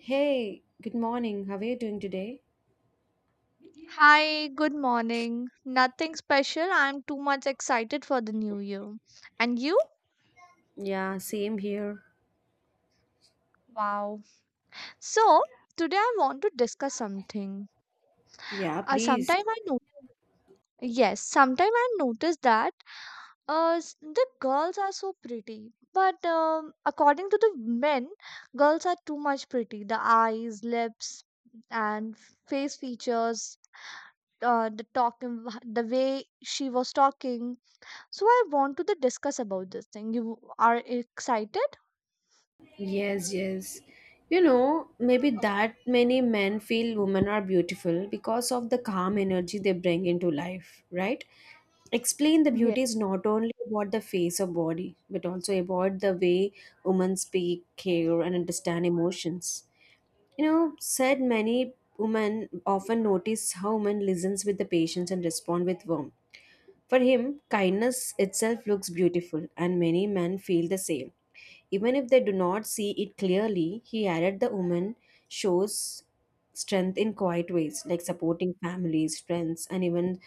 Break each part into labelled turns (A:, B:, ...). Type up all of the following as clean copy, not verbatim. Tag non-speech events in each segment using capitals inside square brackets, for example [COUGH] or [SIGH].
A: Hey, good morning. How are you doing today?
B: Hi, good morning. Nothing special. I'm too much excited for the new year. And you?
A: Yeah, same here.
B: Wow. So, today I want to discuss something.
A: Yeah, please.
B: Sometime I know, yes, sometime I noticed that the girls are so pretty, but according to the men, girls are too much pretty. The eyes, lips, and face features, the talking, the way she was talking. So I want to the discuss about this thing. You are excited?
A: Yes, yes. Maybe that many men feel women are beautiful because of the calm energy they bring into life, right? Explain the
B: Yes.
A: beauty is not only about the face or body, but also about the way women speak, care, and understand emotions. Said many women often notice how women listens with the patience and respond with warmth. For him, kindness itself looks beautiful, and many men feel the same. Even if they do not see it clearly, he added the woman shows strength in quiet ways, like supporting families, friends, and even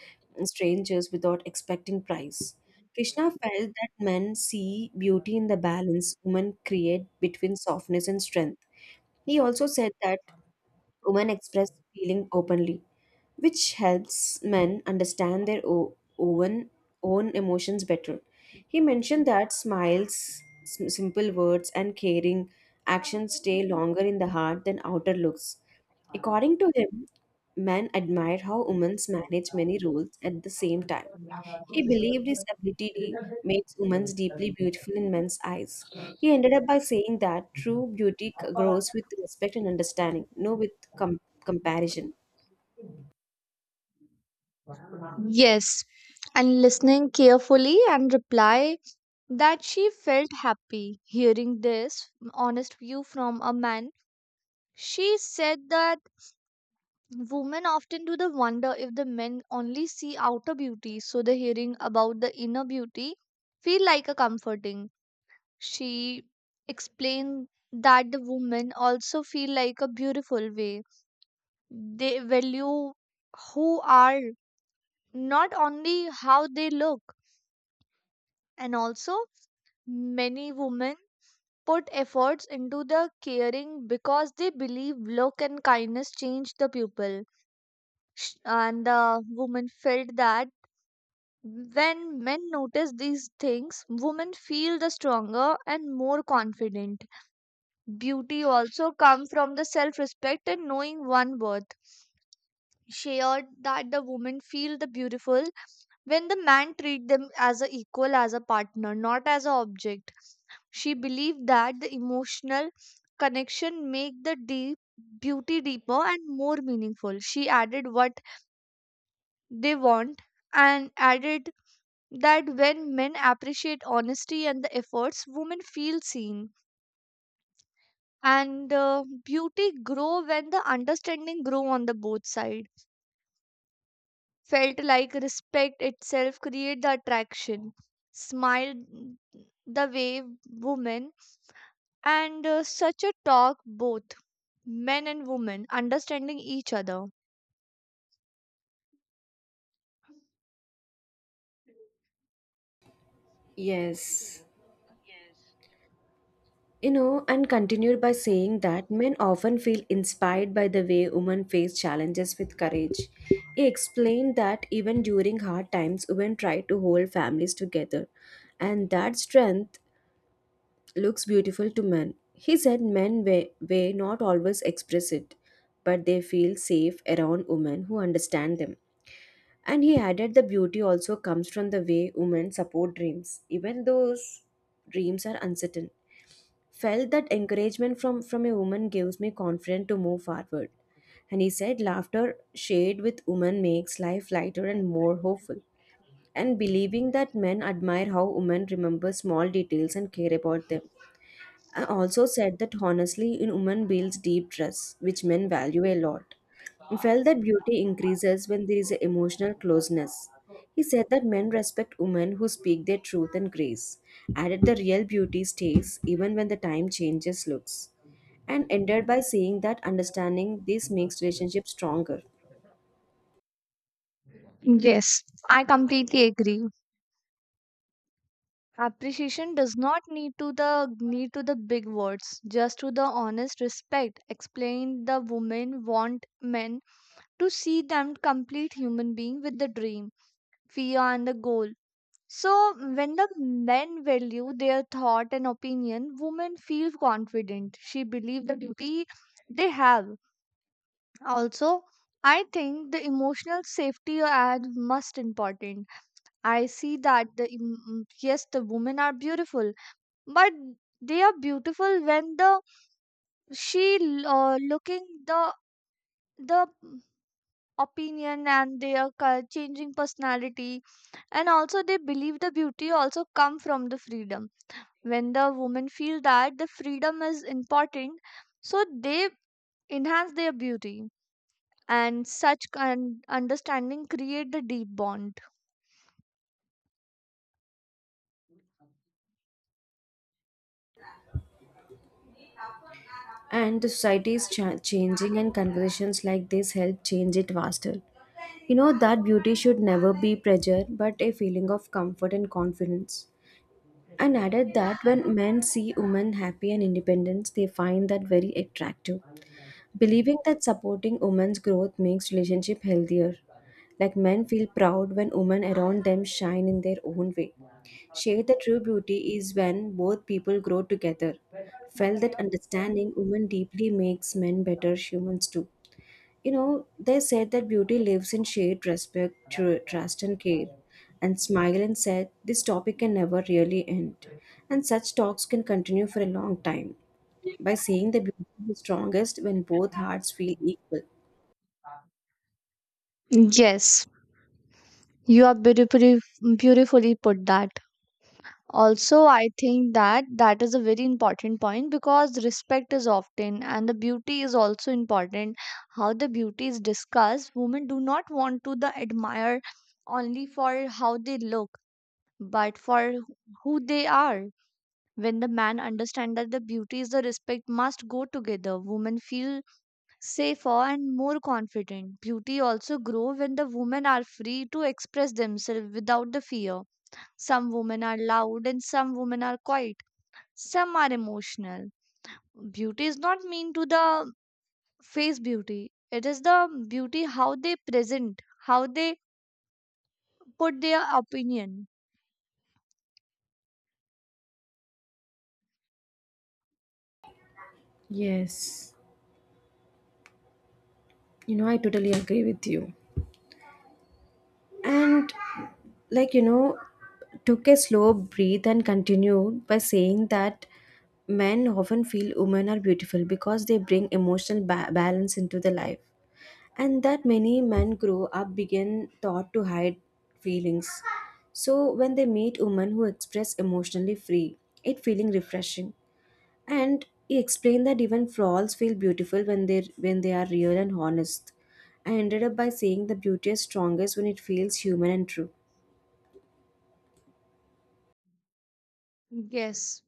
A: strangers without expecting price. Krishna felt that men see beauty in the balance women create between softness and strength. He also said that women express feeling openly which helps men understand their own emotions better. He mentioned that smiles, simple words, and caring actions stay longer in the heart than outer looks. According to him, men admire how women manage many roles at the same time. He believed his ability makes women deeply beautiful in men's eyes. He ended up by saying that true beauty grows with respect and understanding, no with comparison.
B: Yes. And listening carefully and reply that she felt happy hearing this honest view from a man. She said that women often do the wonder if the men only see outer beauty, so the hearing about the inner beauty feel like a comforting. She explained that the women also feel like a beautiful way. They value who are, not only how they look. And also, many women put efforts into the caring because they believe look and kindness change the people. And the woman felt that when men notice these things, women feel the stronger and more confident. Beauty also comes from the self respect and knowing one worth. She heard that the women feel the beautiful when the man treat them as a equal, as a partner, not as an object. She believed that the emotional connection make the deep beauty deeper and more meaningful. She added what they want, and added that when men appreciate honesty and the efforts, women feel seen, and beauty grow when the understanding grow on the both sides. Felt like respect itself create the attraction, smiled, the way women, and such a talk both men and women understanding each other.
A: Yes. And continued by saying that men often feel inspired by the way women face challenges with courage. He explained that even during hard times, women try to hold families together, and that strength looks beautiful to men. He said men may not always express it, but they feel safe around women who understand them. And he added the beauty also comes from the way women support dreams, even those dreams are uncertain. Felt that encouragement from a woman gives me confidence to move forward, and he said laughter shared with women makes life lighter and more hopeful, and believing that men admire how women remember small details and care about them. I also said that honestly, in women builds deep trust, which men value a lot. He felt that beauty increases when there is an emotional closeness. He said that men respect women who speak their truth and grace. Added the real beauty stays even when the time changes looks. And ended by saying that understanding this makes relationship stronger.
B: Yes, I completely agree. Appreciation does not need to the big words, just to the honest respect. Explain the women want men to see them complete human being with the dream, fear, and the goal. So, when the men value their thought and opinion, women feel confident. She believes the duty they have. Also, I think the emotional safety are most important. I see that yes, the women are beautiful, but they are beautiful when looking the opinion and their changing personality. And also, they believe the beauty also come from the freedom. When the women feel that the freedom is important, so they enhance their beauty. And such understanding create the deep bond.
A: And the society is changing, and conversations like this help change it faster. You know that beauty should never be pressure but a feeling of comfort and confidence. And added that when men see women happy and independent, they find that very attractive, believing that supporting women's growth makes relationship healthier, like men feel proud when women around them shine in their own way. Share the true beauty is when both people grow together. Felt that understanding women deeply makes men better humans too. They said that beauty lives in shared respect, trust, and care. And smiled and said, This topic can never really end. And such talks can continue for a long time by saying that beauty is strongest when both hearts feel equal.
B: Yes, you are beautifully put that. Also, I think that is a very important point because respect is often, and the beauty is also important. How the beauty is discussed, women do not want to the admire only for how they look, but for who they are. When the man understands that the beauty is the respect must go together, women feel safer and more confident. Beauty also grow when the women are free to express themselves without the fear. Some women are loud and some women are quiet. Some are emotional. Beauty is not mean to the face beauty. It is the beauty how they present, how they put their opinion.
A: Yes, I totally agree with you. And like, you know, took a slow breath and continued by saying that men often feel women are beautiful because they bring emotional balance into their life, and that many men grow up begin thought to hide feelings, so when they meet women who express emotionally free, it feeling refreshing. And he explained that even flaws feel beautiful when they are real and honest. I ended up by saying the beauty is strongest when it feels human and true.
B: Yes,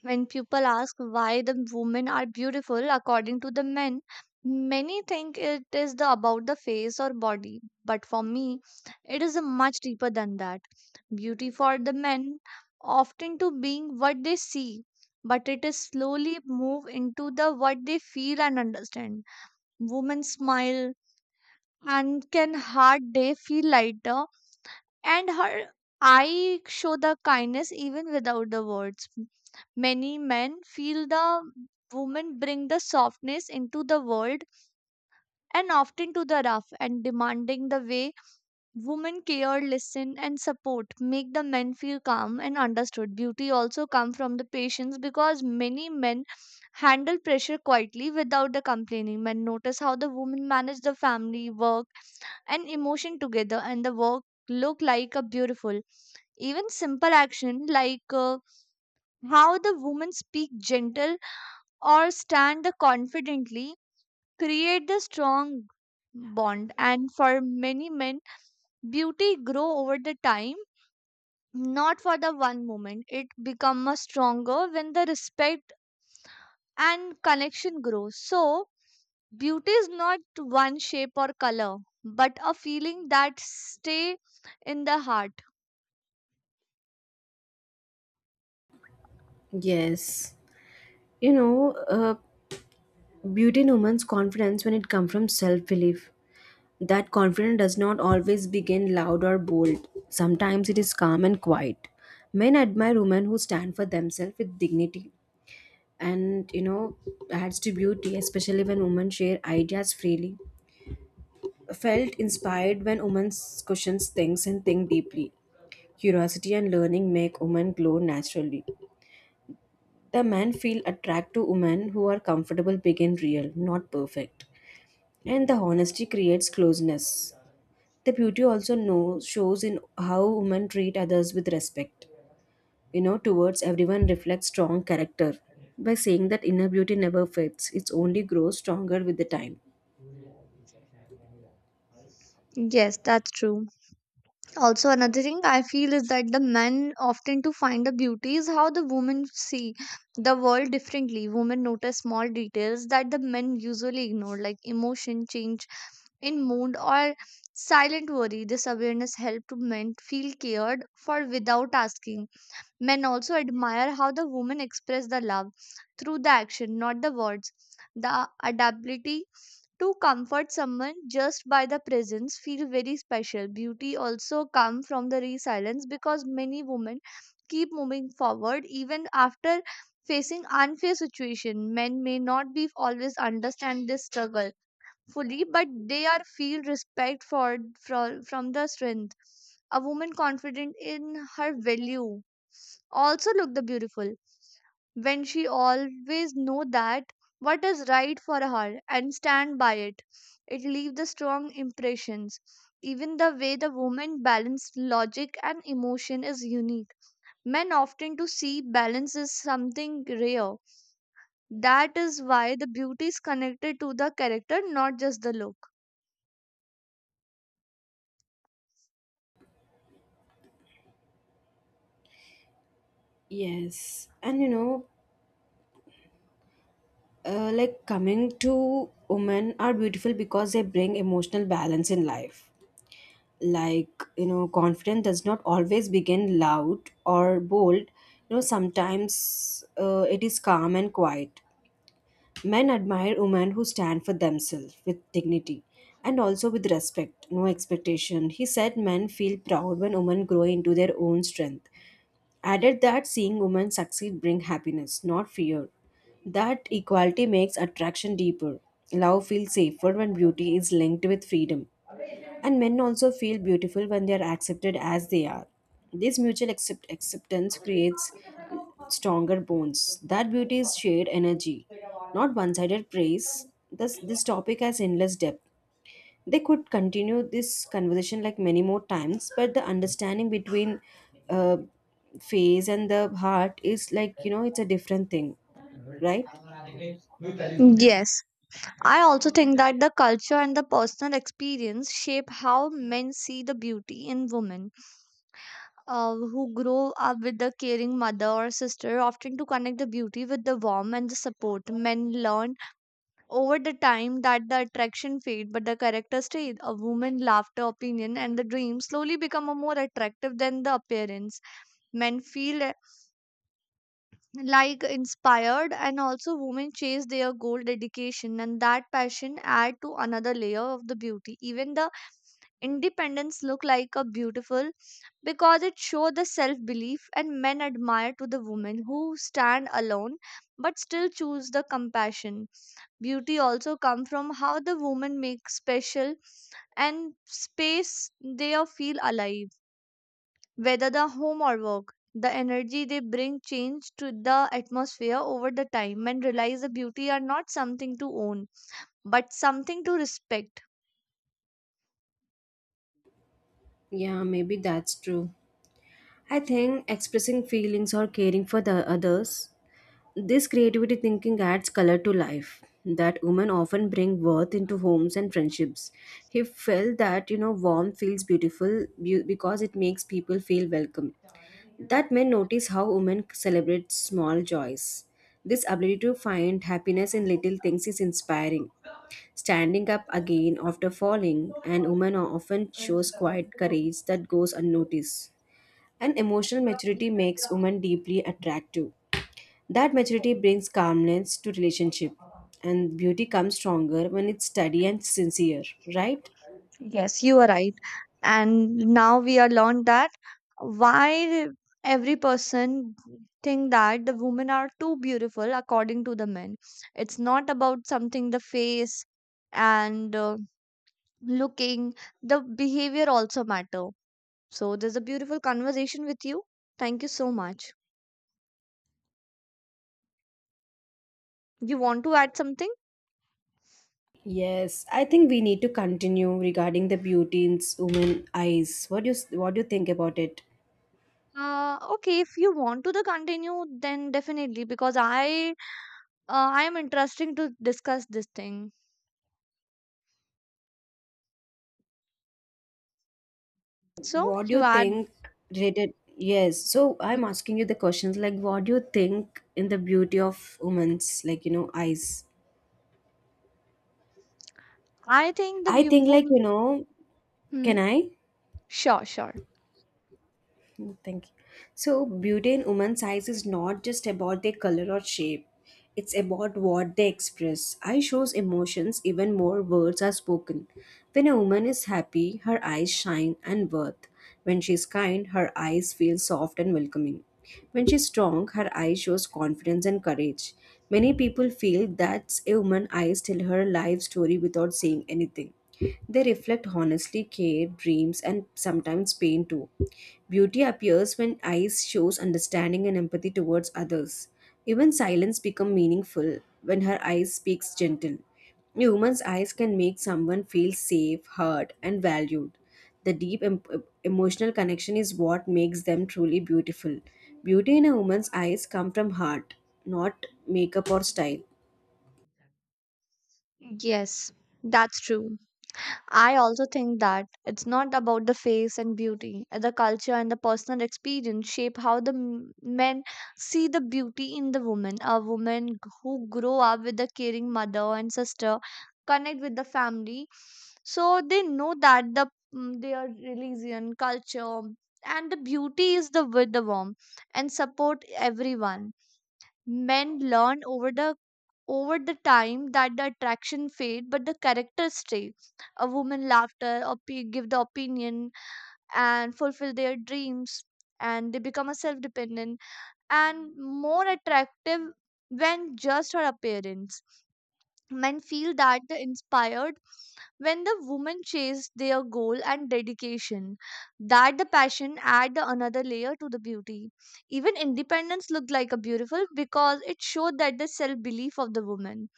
B: when people ask why the women are beautiful according to the men, many think it is the about the face or body. But for me, it is a much deeper than that. Beauty for the men often to being what they see, but it is slowly move into the what they feel and understand. Women smile and can hard day feel lighter, and her eye show the kindness even without the words. Many men feel the women bring the softness into the world, and often to the rough and demanding. The way women care, listen, and support make the men feel calm and understood. Beauty also come from the patience because many men handle pressure quietly without the complaining. Men notice how the women manage the family, work, and emotion together, and the work look like a beautiful. Even simple action, like how the women speak gentle or stand the confidently, create the strong bond. And for many men, beauty grow over the time, not for the one moment. It become a stronger when the respect and connection grows. So beauty is not one shape or color, but a feeling that stay in the heart.
A: Yes. You know, uh, Beauty in women's confidence when it comes from self belief. That confidence does not always begin loud or bold. Sometimes it is calm and quiet. Men admire women who stand for themselves with dignity and adds to beauty, especially when women share ideas freely. Felt inspired when women questions things and think deeply. Curiosity and learning make women glow naturally. The men feel attracted to women who are comfortable, big, and real, not perfect. And the honesty creates closeness. The beauty also knows, shows in how women treat others with respect. Towards everyone reflects strong character. By saying that inner beauty never fades, it only grows stronger with the time.
B: Yes, that's true. Also, another thing I feel is that the men often to find the beauty is how the women see the world differently. Women notice small details that the men usually ignore, like emotion change in mood or silent worry. This awareness help to men feel cared for without asking. Men also admire how the women express the love through the action, not the words. The adaptability to comfort someone just by the presence feel very special. Beauty also come from the resilience because many women keep moving forward even after facing unfair situation. Men may not be always understand this struggle fully, but they are feel respect for from the strength. A woman confident in her value also look the beautiful when she always know that what is right for her and stand by it. It leaves the strong impressions. Even the way the woman balanced logic and emotion is unique. Men often to see balance is something rare. That is why the beauty is connected to the character, not just the look.
A: Yes, and coming to women are beautiful because they bring emotional balance in life. Confidence does not always begin loud or bold. Sometimes it is calm and quiet. Men admire women who stand for themselves with dignity and also with respect, no expectation. He said men feel proud when women grow into their own strength. Added that seeing women succeed bring happiness, not fear. That equality makes attraction deeper. Love feels safer when beauty is linked with freedom. And men also feel beautiful when they are accepted as they are. This mutual acceptance creates stronger bonds. That beauty is shared energy, not one sided praise. Thus, this topic has endless depth. They could continue this conversation like many more times, but the understanding between uh, face and the heart is it's a different thing, right?
B: Yes, I also think that the culture and the personal experience shape how men see the beauty in women. Who grow up with a caring mother or sister often to connect the beauty with the warmth and the support. Men learn over the time that the attraction fade but the character stays. A woman laughter, opinion, and the dream slowly become a more attractive than the appearance. Men feel like inspired, and also women chase their goal dedication, and that passion add to another layer of the beauty. Even the independence look like a beautiful because it shows the self belief, and men admire to the women who stand alone but still choose the compassion. Beauty also come from how the woman makes special and space. They are feel alive whether the home or work. The energy they bring change to the atmosphere. Over the time, men realize the beauty are not something to own but something to respect.
A: Yeah, maybe that's true. I think expressing feelings or caring for the others, this creativity thinking adds color to life, that women often bring worth into homes and friendships. He felt that, warmth feels beautiful because it makes people feel welcome. That men notice how women celebrate small joys. This ability to find happiness in little things is inspiring. Standing up again after falling, and women often shows quiet courage that goes unnoticed. And emotional maturity makes women deeply attractive. That maturity brings calmness to relationship, and beauty comes stronger when it's steady and sincere, right?
B: Yes, you are right. And now we are learned that why every person think that the women are too beautiful according to the men? It's not about something the face, and looking, the behavior also matter. So there's a beautiful conversation with you. Thank you so much. You want to add something?
A: Yes, I think we need to continue regarding the beauty in women eyes. What do you think about it?
B: Okay, if you want to the continue, then definitely because I am interesting to discuss this thing. So
A: What do you
B: you add.
A: think related? Yes, so I'm
B: Hmm.
A: asking you the questions like what do you think in the beauty of women's eyes?
B: I think the
A: I
B: view.
A: think
B: Hmm.
A: can I?
B: Sure, sure.
A: Mm, thank you. So, beauty in woman's eyes is not just about their color or shape. It's about what they express. Eye shows emotions even more words are spoken. When a woman is happy, her eyes shine and worth. When she's kind, her eyes feel soft and welcoming. When she's strong, her eye shows confidence and courage. Many people feel that a woman's eyes tell her life story without saying anything. They reflect honestly care, dreams, and sometimes pain too. Beauty appears when eyes shows understanding and empathy towards others. Even silence become meaningful when her eyes speaks gentle. A woman's eyes can make someone feel safe, heard, and valued. The deep emotional connection is what makes them truly beautiful. Beauty in a woman's eyes come from heart, not makeup or style.
B: Yes, that's true. I also think that it's not about the face and beauty. The culture and the personal experience shape how the men see the beauty in the woman. A woman who grow up with a caring mother and sister connect with the family, so they know that the mm, their religion, culture, and the beauty is the with the warm and support everyone. Men learn over the time that the attraction fade but the characters stay. A woman laughter give the opinion and fulfill their dreams, and they become a self-dependent and more attractive when just her appearance. Men feel that they inspired when the woman chase their goal and dedication, that the passion add the another layer to the beauty. Even independence looked like a beautiful because it showed that the self-belief of the woman.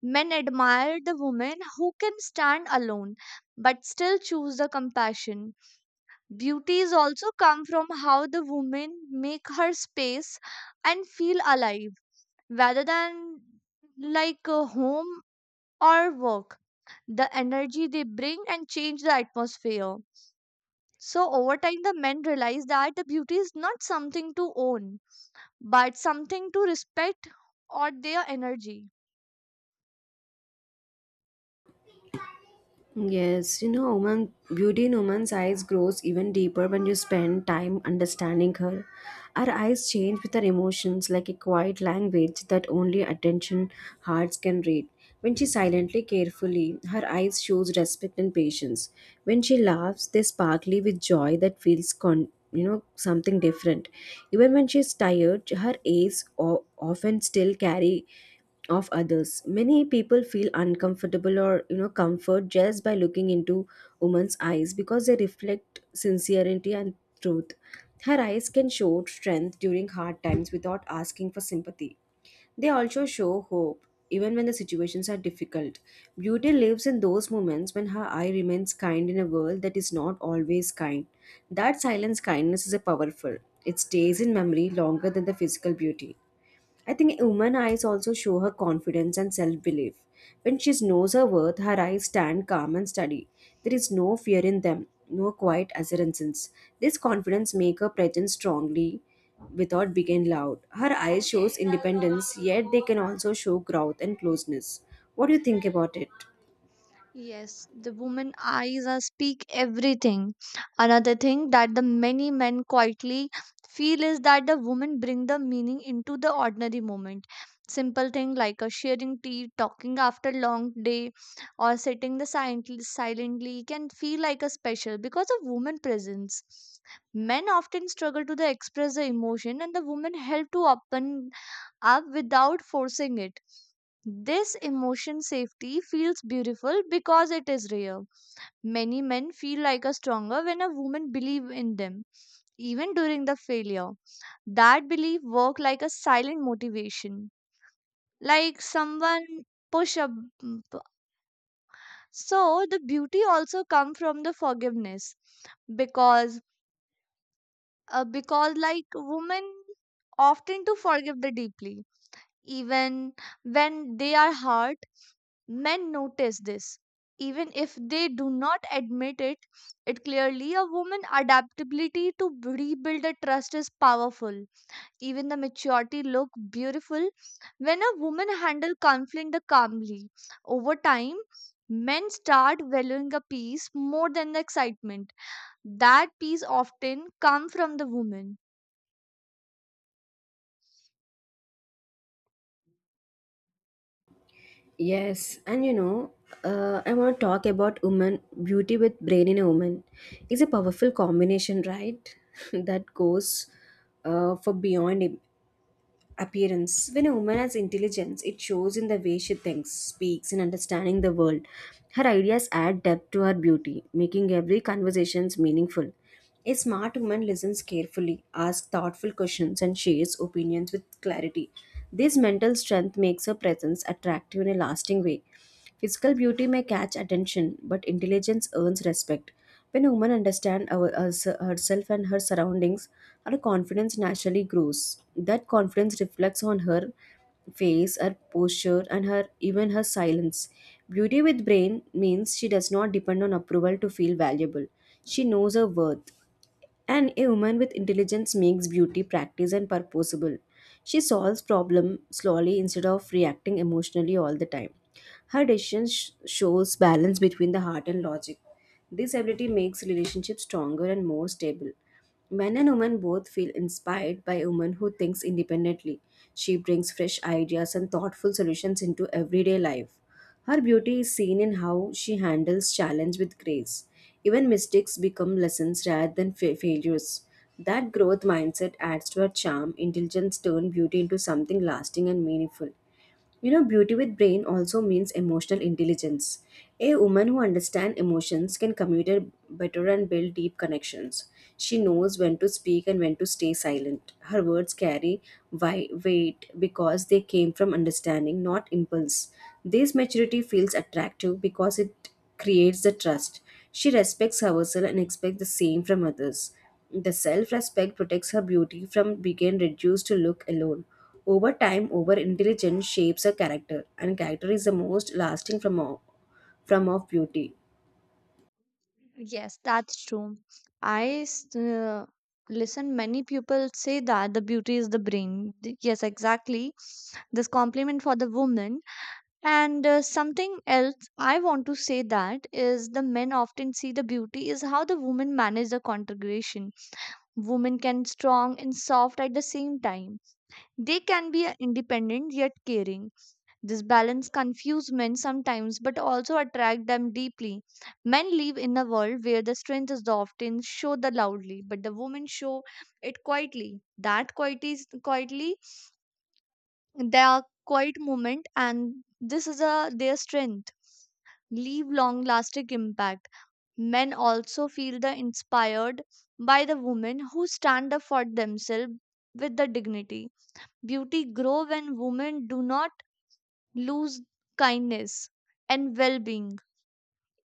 B: Men admire the woman who can stand alone but still choose the compassion. Beauties also come from how the woman make her space and feel alive rather than like a home or work. The energy they bring and change the atmosphere. So over time the men realize that the beauty is not something to own but something to respect, or their energy.
A: Yes, beauty in woman's eyes grows even deeper when you spend time understanding her. Our eyes change with our emotions like a quiet language that only attention hearts can read. When she silently, carefully, her eyes shows respect and patience. When she laughs, they sparkly with joy that feels something different. Even when she is tired, her eyes often still carry of others. Many people feel uncomfortable or comfort just by looking into woman's eyes because they reflect sincerity and truth. Her eyes can show strength during hard times without asking for sympathy. They also show hope even when the situations are difficult. Beauty lives in those moments when her eye remains kind in a world that is not always kind. That silence kindness is a powerful. It stays in memory longer than the physical beauty. I think woman eyes also show her confidence and self belief. When she knows her worth, her eyes stand calm and steady. There is no fear in them, no quiet assurances. This confidence makes her present strongly without being loud. Her eyes shows independence, yet they can also show growth and closeness. What do you think about it?
B: Yes, the woman eyes are speak everything. Another thing that the many men quietly feel is that the women bring the meaning into the ordinary moment. Simple thing like a sharing tea, talking after long day, or sitting the silently can feel like a special because of woman presence. Men often struggle to the express the emotion, and the woman help to open up without forcing it. This emotion safety feels beautiful because it is rare. Many men feel like a stronger when a woman believes in them, even during the failure. That belief work like a silent motivation, like someone push up. So the beauty also come from the forgiveness, because because like women often to forgive the deeply, even when they are hurt. Men notice this. Even if they do not admit it, it clearly a woman adaptability to rebuild a trust is powerful. Even the maturity look beautiful when a woman handle conflict calmly. Over time, men start valuing a peace more than the excitement. That peace often come from the woman.
A: Yes, and I want to talk about woman beauty with brain in a woman. It's a powerful combination, right? [LAUGHS] that goes for beyond appearance. When a woman has intelligence, it shows in the way she thinks, speaks, and understanding the world. Her ideas add depth to her beauty, making every conversation meaningful. A smart woman listens carefully, asks thoughtful questions, and shares opinions with clarity. This mental strength makes her presence attractive in a lasting way. Physical beauty may catch attention, but intelligence earns respect. When a woman understands herself and her surroundings, her confidence naturally grows. That confidence reflects on her face, her posture, and her even her silence. Beauty with brain means she does not depend on approval to feel valuable. She knows her worth. And a woman with intelligence makes beauty practice and purposeful. She solves problem slowly instead of reacting emotionally all the time. Her decisions shows balance between the heart and logic. This ability makes relationships stronger and more stable. Men and women both feel inspired by a woman who thinks independently. She brings fresh ideas and thoughtful solutions into everyday life. Her beauty is seen in how she handles challenge with grace. Even mistakes become lessons rather than failures. That growth mindset adds to her charm. Intelligence turns beauty into something lasting and meaningful. You know, beauty with brain also means emotional intelligence. A woman who understands emotions can communicate better and build deep connections. She knows when to speak and when to stay silent. Her words carry weight because they came from understanding, not impulse. This maturity feels attractive because it creates the trust. She respects herself and expects the same from others. The self respect protects her beauty from being reduced to look alone. Over time, over intelligence shapes a character, and character is the most lasting from of beauty.
B: Yes, that's true. I s- uh, Listen, many people say that the beauty is the brain. Yes, exactly. This compliment for the woman. And something else I want to say that is the men often see the beauty is how the women manage the congregation. Women can strong and soft at the same time. They can be independent yet caring. This balance confuses men sometimes but also attract them deeply. Men live in a world where the strength is often show the loudly, but the women show it quietly. Quietly, their quiet moment, and this is a their strength. Leave long lasting impact. Men also feel the inspired by the women who stand up for themselves with the dignity. Beauty grow when women do not lose kindness and well-being.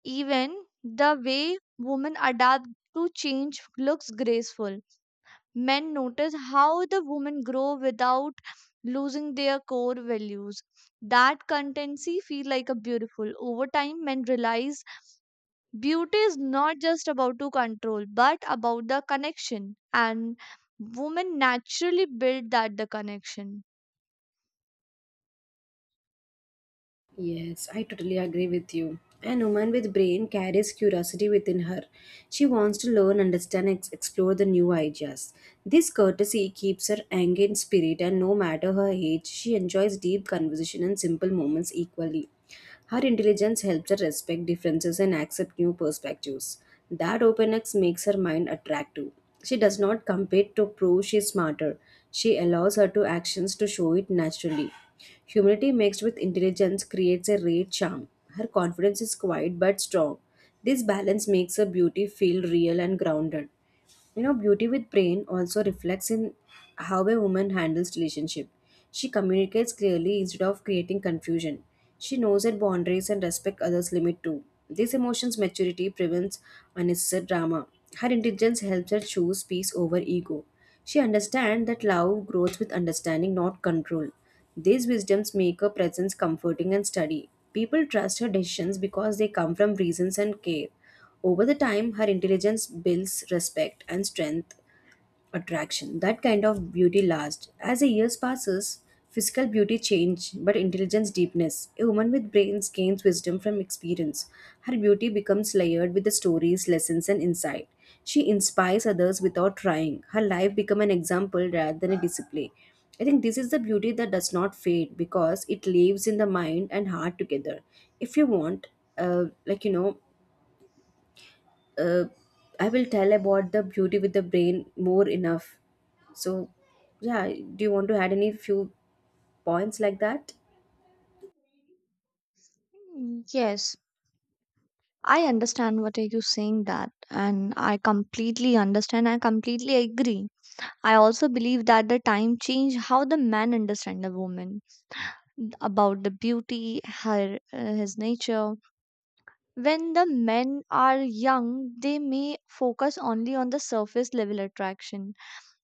B: Even the way women adapt to change looks graceful. Men notice how the women grow without losing their core values. That constancy feel like a beautiful. Over time, men realize beauty is not just about to control, but about the connection. And women naturally build that the connection.
A: Yes, I totally agree with you. An woman with brain carries curiosity within her. She wants to learn, understand, and explore the new ideas. This courtesy keeps her angry in spirit, and no matter her age, she enjoys deep conversation and simple moments equally. Her intelligence helps her respect differences and accept new perspectives. That openness makes her mind attractive. She does not compete to prove she is smarter. She allows her to actions to show it naturally. Humility mixed with intelligence creates a rare charm. Her confidence is quiet but strong. This balance makes her beauty feel real and grounded. You know, beauty with brain also reflects in how a woman handles relationship. She communicates clearly instead of creating confusion. She knows her boundaries and respect others' limit too. This emotion's maturity prevents unnecessary drama. Her intelligence helps her choose peace over ego. She understands that love grows with understanding, not control. These wisdoms make her presence comforting and steady. People trust her decisions because they come from reasons and care. Over the time, her intelligence builds respect and strength attraction. That kind of beauty lasts. As the years passes, physical beauty change, but intelligence deepness. A woman with brains gains wisdom from experience. Her beauty becomes layered with the stories, lessons, and insight. She inspires others without trying. Her life become an example rather than a display. I think this is the beauty that does not fade because it lives in the mind and heart together. If you want, uh, like you know, uh, I will tell about the beauty with the brain more enough. So, yeah, do you want to add any few points like that?
B: Mm, yes, I understand what are you saying that and I completely understand I completely agree. I also believe that the time change how the man understand the woman about the beauty her his nature. When the men are young they may focus only on the surface level attraction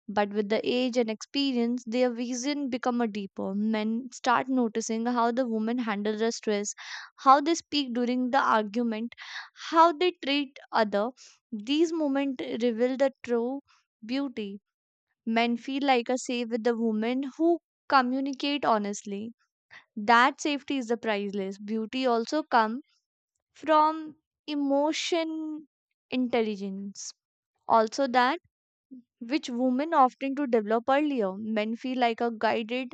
B: but with the age and experience, their vision become a deeper. Men start noticing how the women handle the stress, how they speak during the argument, how they treat other. These moments reveal the true beauty. Men feel like a safe with the women who communicate honestly. That safety is the priceless. Beauty also come from emotion intelligence. Also that which women often to develop earlier. Men feel like are guided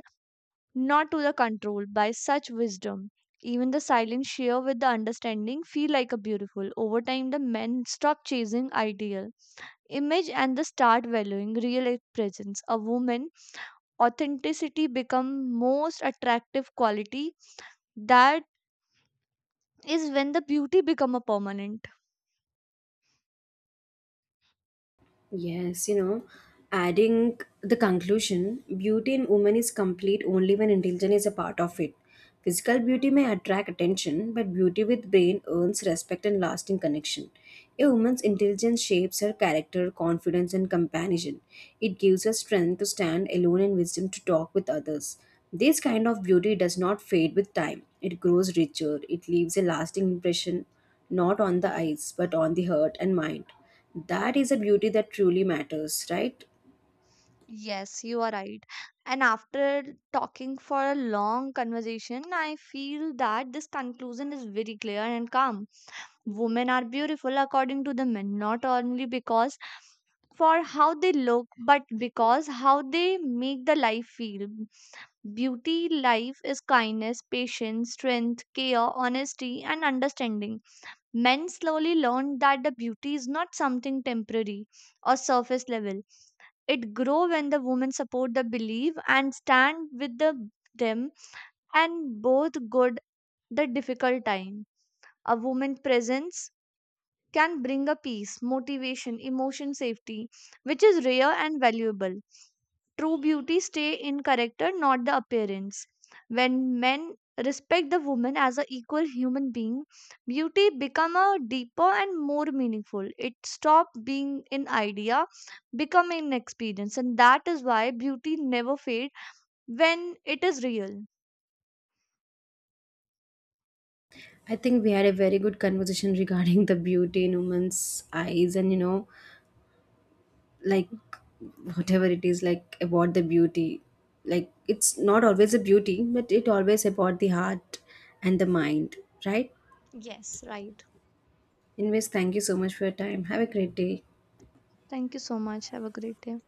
B: not to the control by such wisdom. Even the silent share with the understanding feel like a beautiful. Over time, the men stop chasing ideal image and they start valuing real presence. A woman authenticity become most attractive quality. That is when the beauty become a permanent.
A: Yes, you know, adding the conclusion, beauty in women is complete only when intelligence is a part of it. Physical beauty may attract attention, but beauty with brain earns respect and lasting connection. A woman's intelligence shapes her character, confidence, and companionship. It gives her strength to stand alone and wisdom to talk with others. This kind of beauty does not fade with time. It grows richer. It leaves a lasting impression not on the eyes, but on the heart and mind. That is a beauty that truly matters, right?
B: Yes, you are right. And after talking for a long conversation, I feel that this conclusion is very clear and calm. Women are beautiful according to the men, not only because for how they look, but because how they make the life feel. Beauty life is kindness, patience, strength, care, honesty, and understanding. Men slowly learn that the beauty is not something temporary or surface level, it grow when the women support the belief and stand with the, them and both good the difficult time. A woman presence can bring a peace, motivation, emotion safety, which is rare and valuable. True beauty stay in character, not the appearance. When men respect the woman as an equal human being, beauty become a deeper and more meaningful. It stop being an idea, becoming an experience, and that is why beauty never fade when it is real.
A: I think we had a very good conversation [LAUGHS] regarding the beauty in women's eyes and, you know, like whatever it is, like about the beauty. Like it's not always a beauty, but it always about the heart and the mind, right?
B: Yes, right.
A: Anyways, thank you so much for your time. Have a great day.
B: Thank you so much. Have a great day.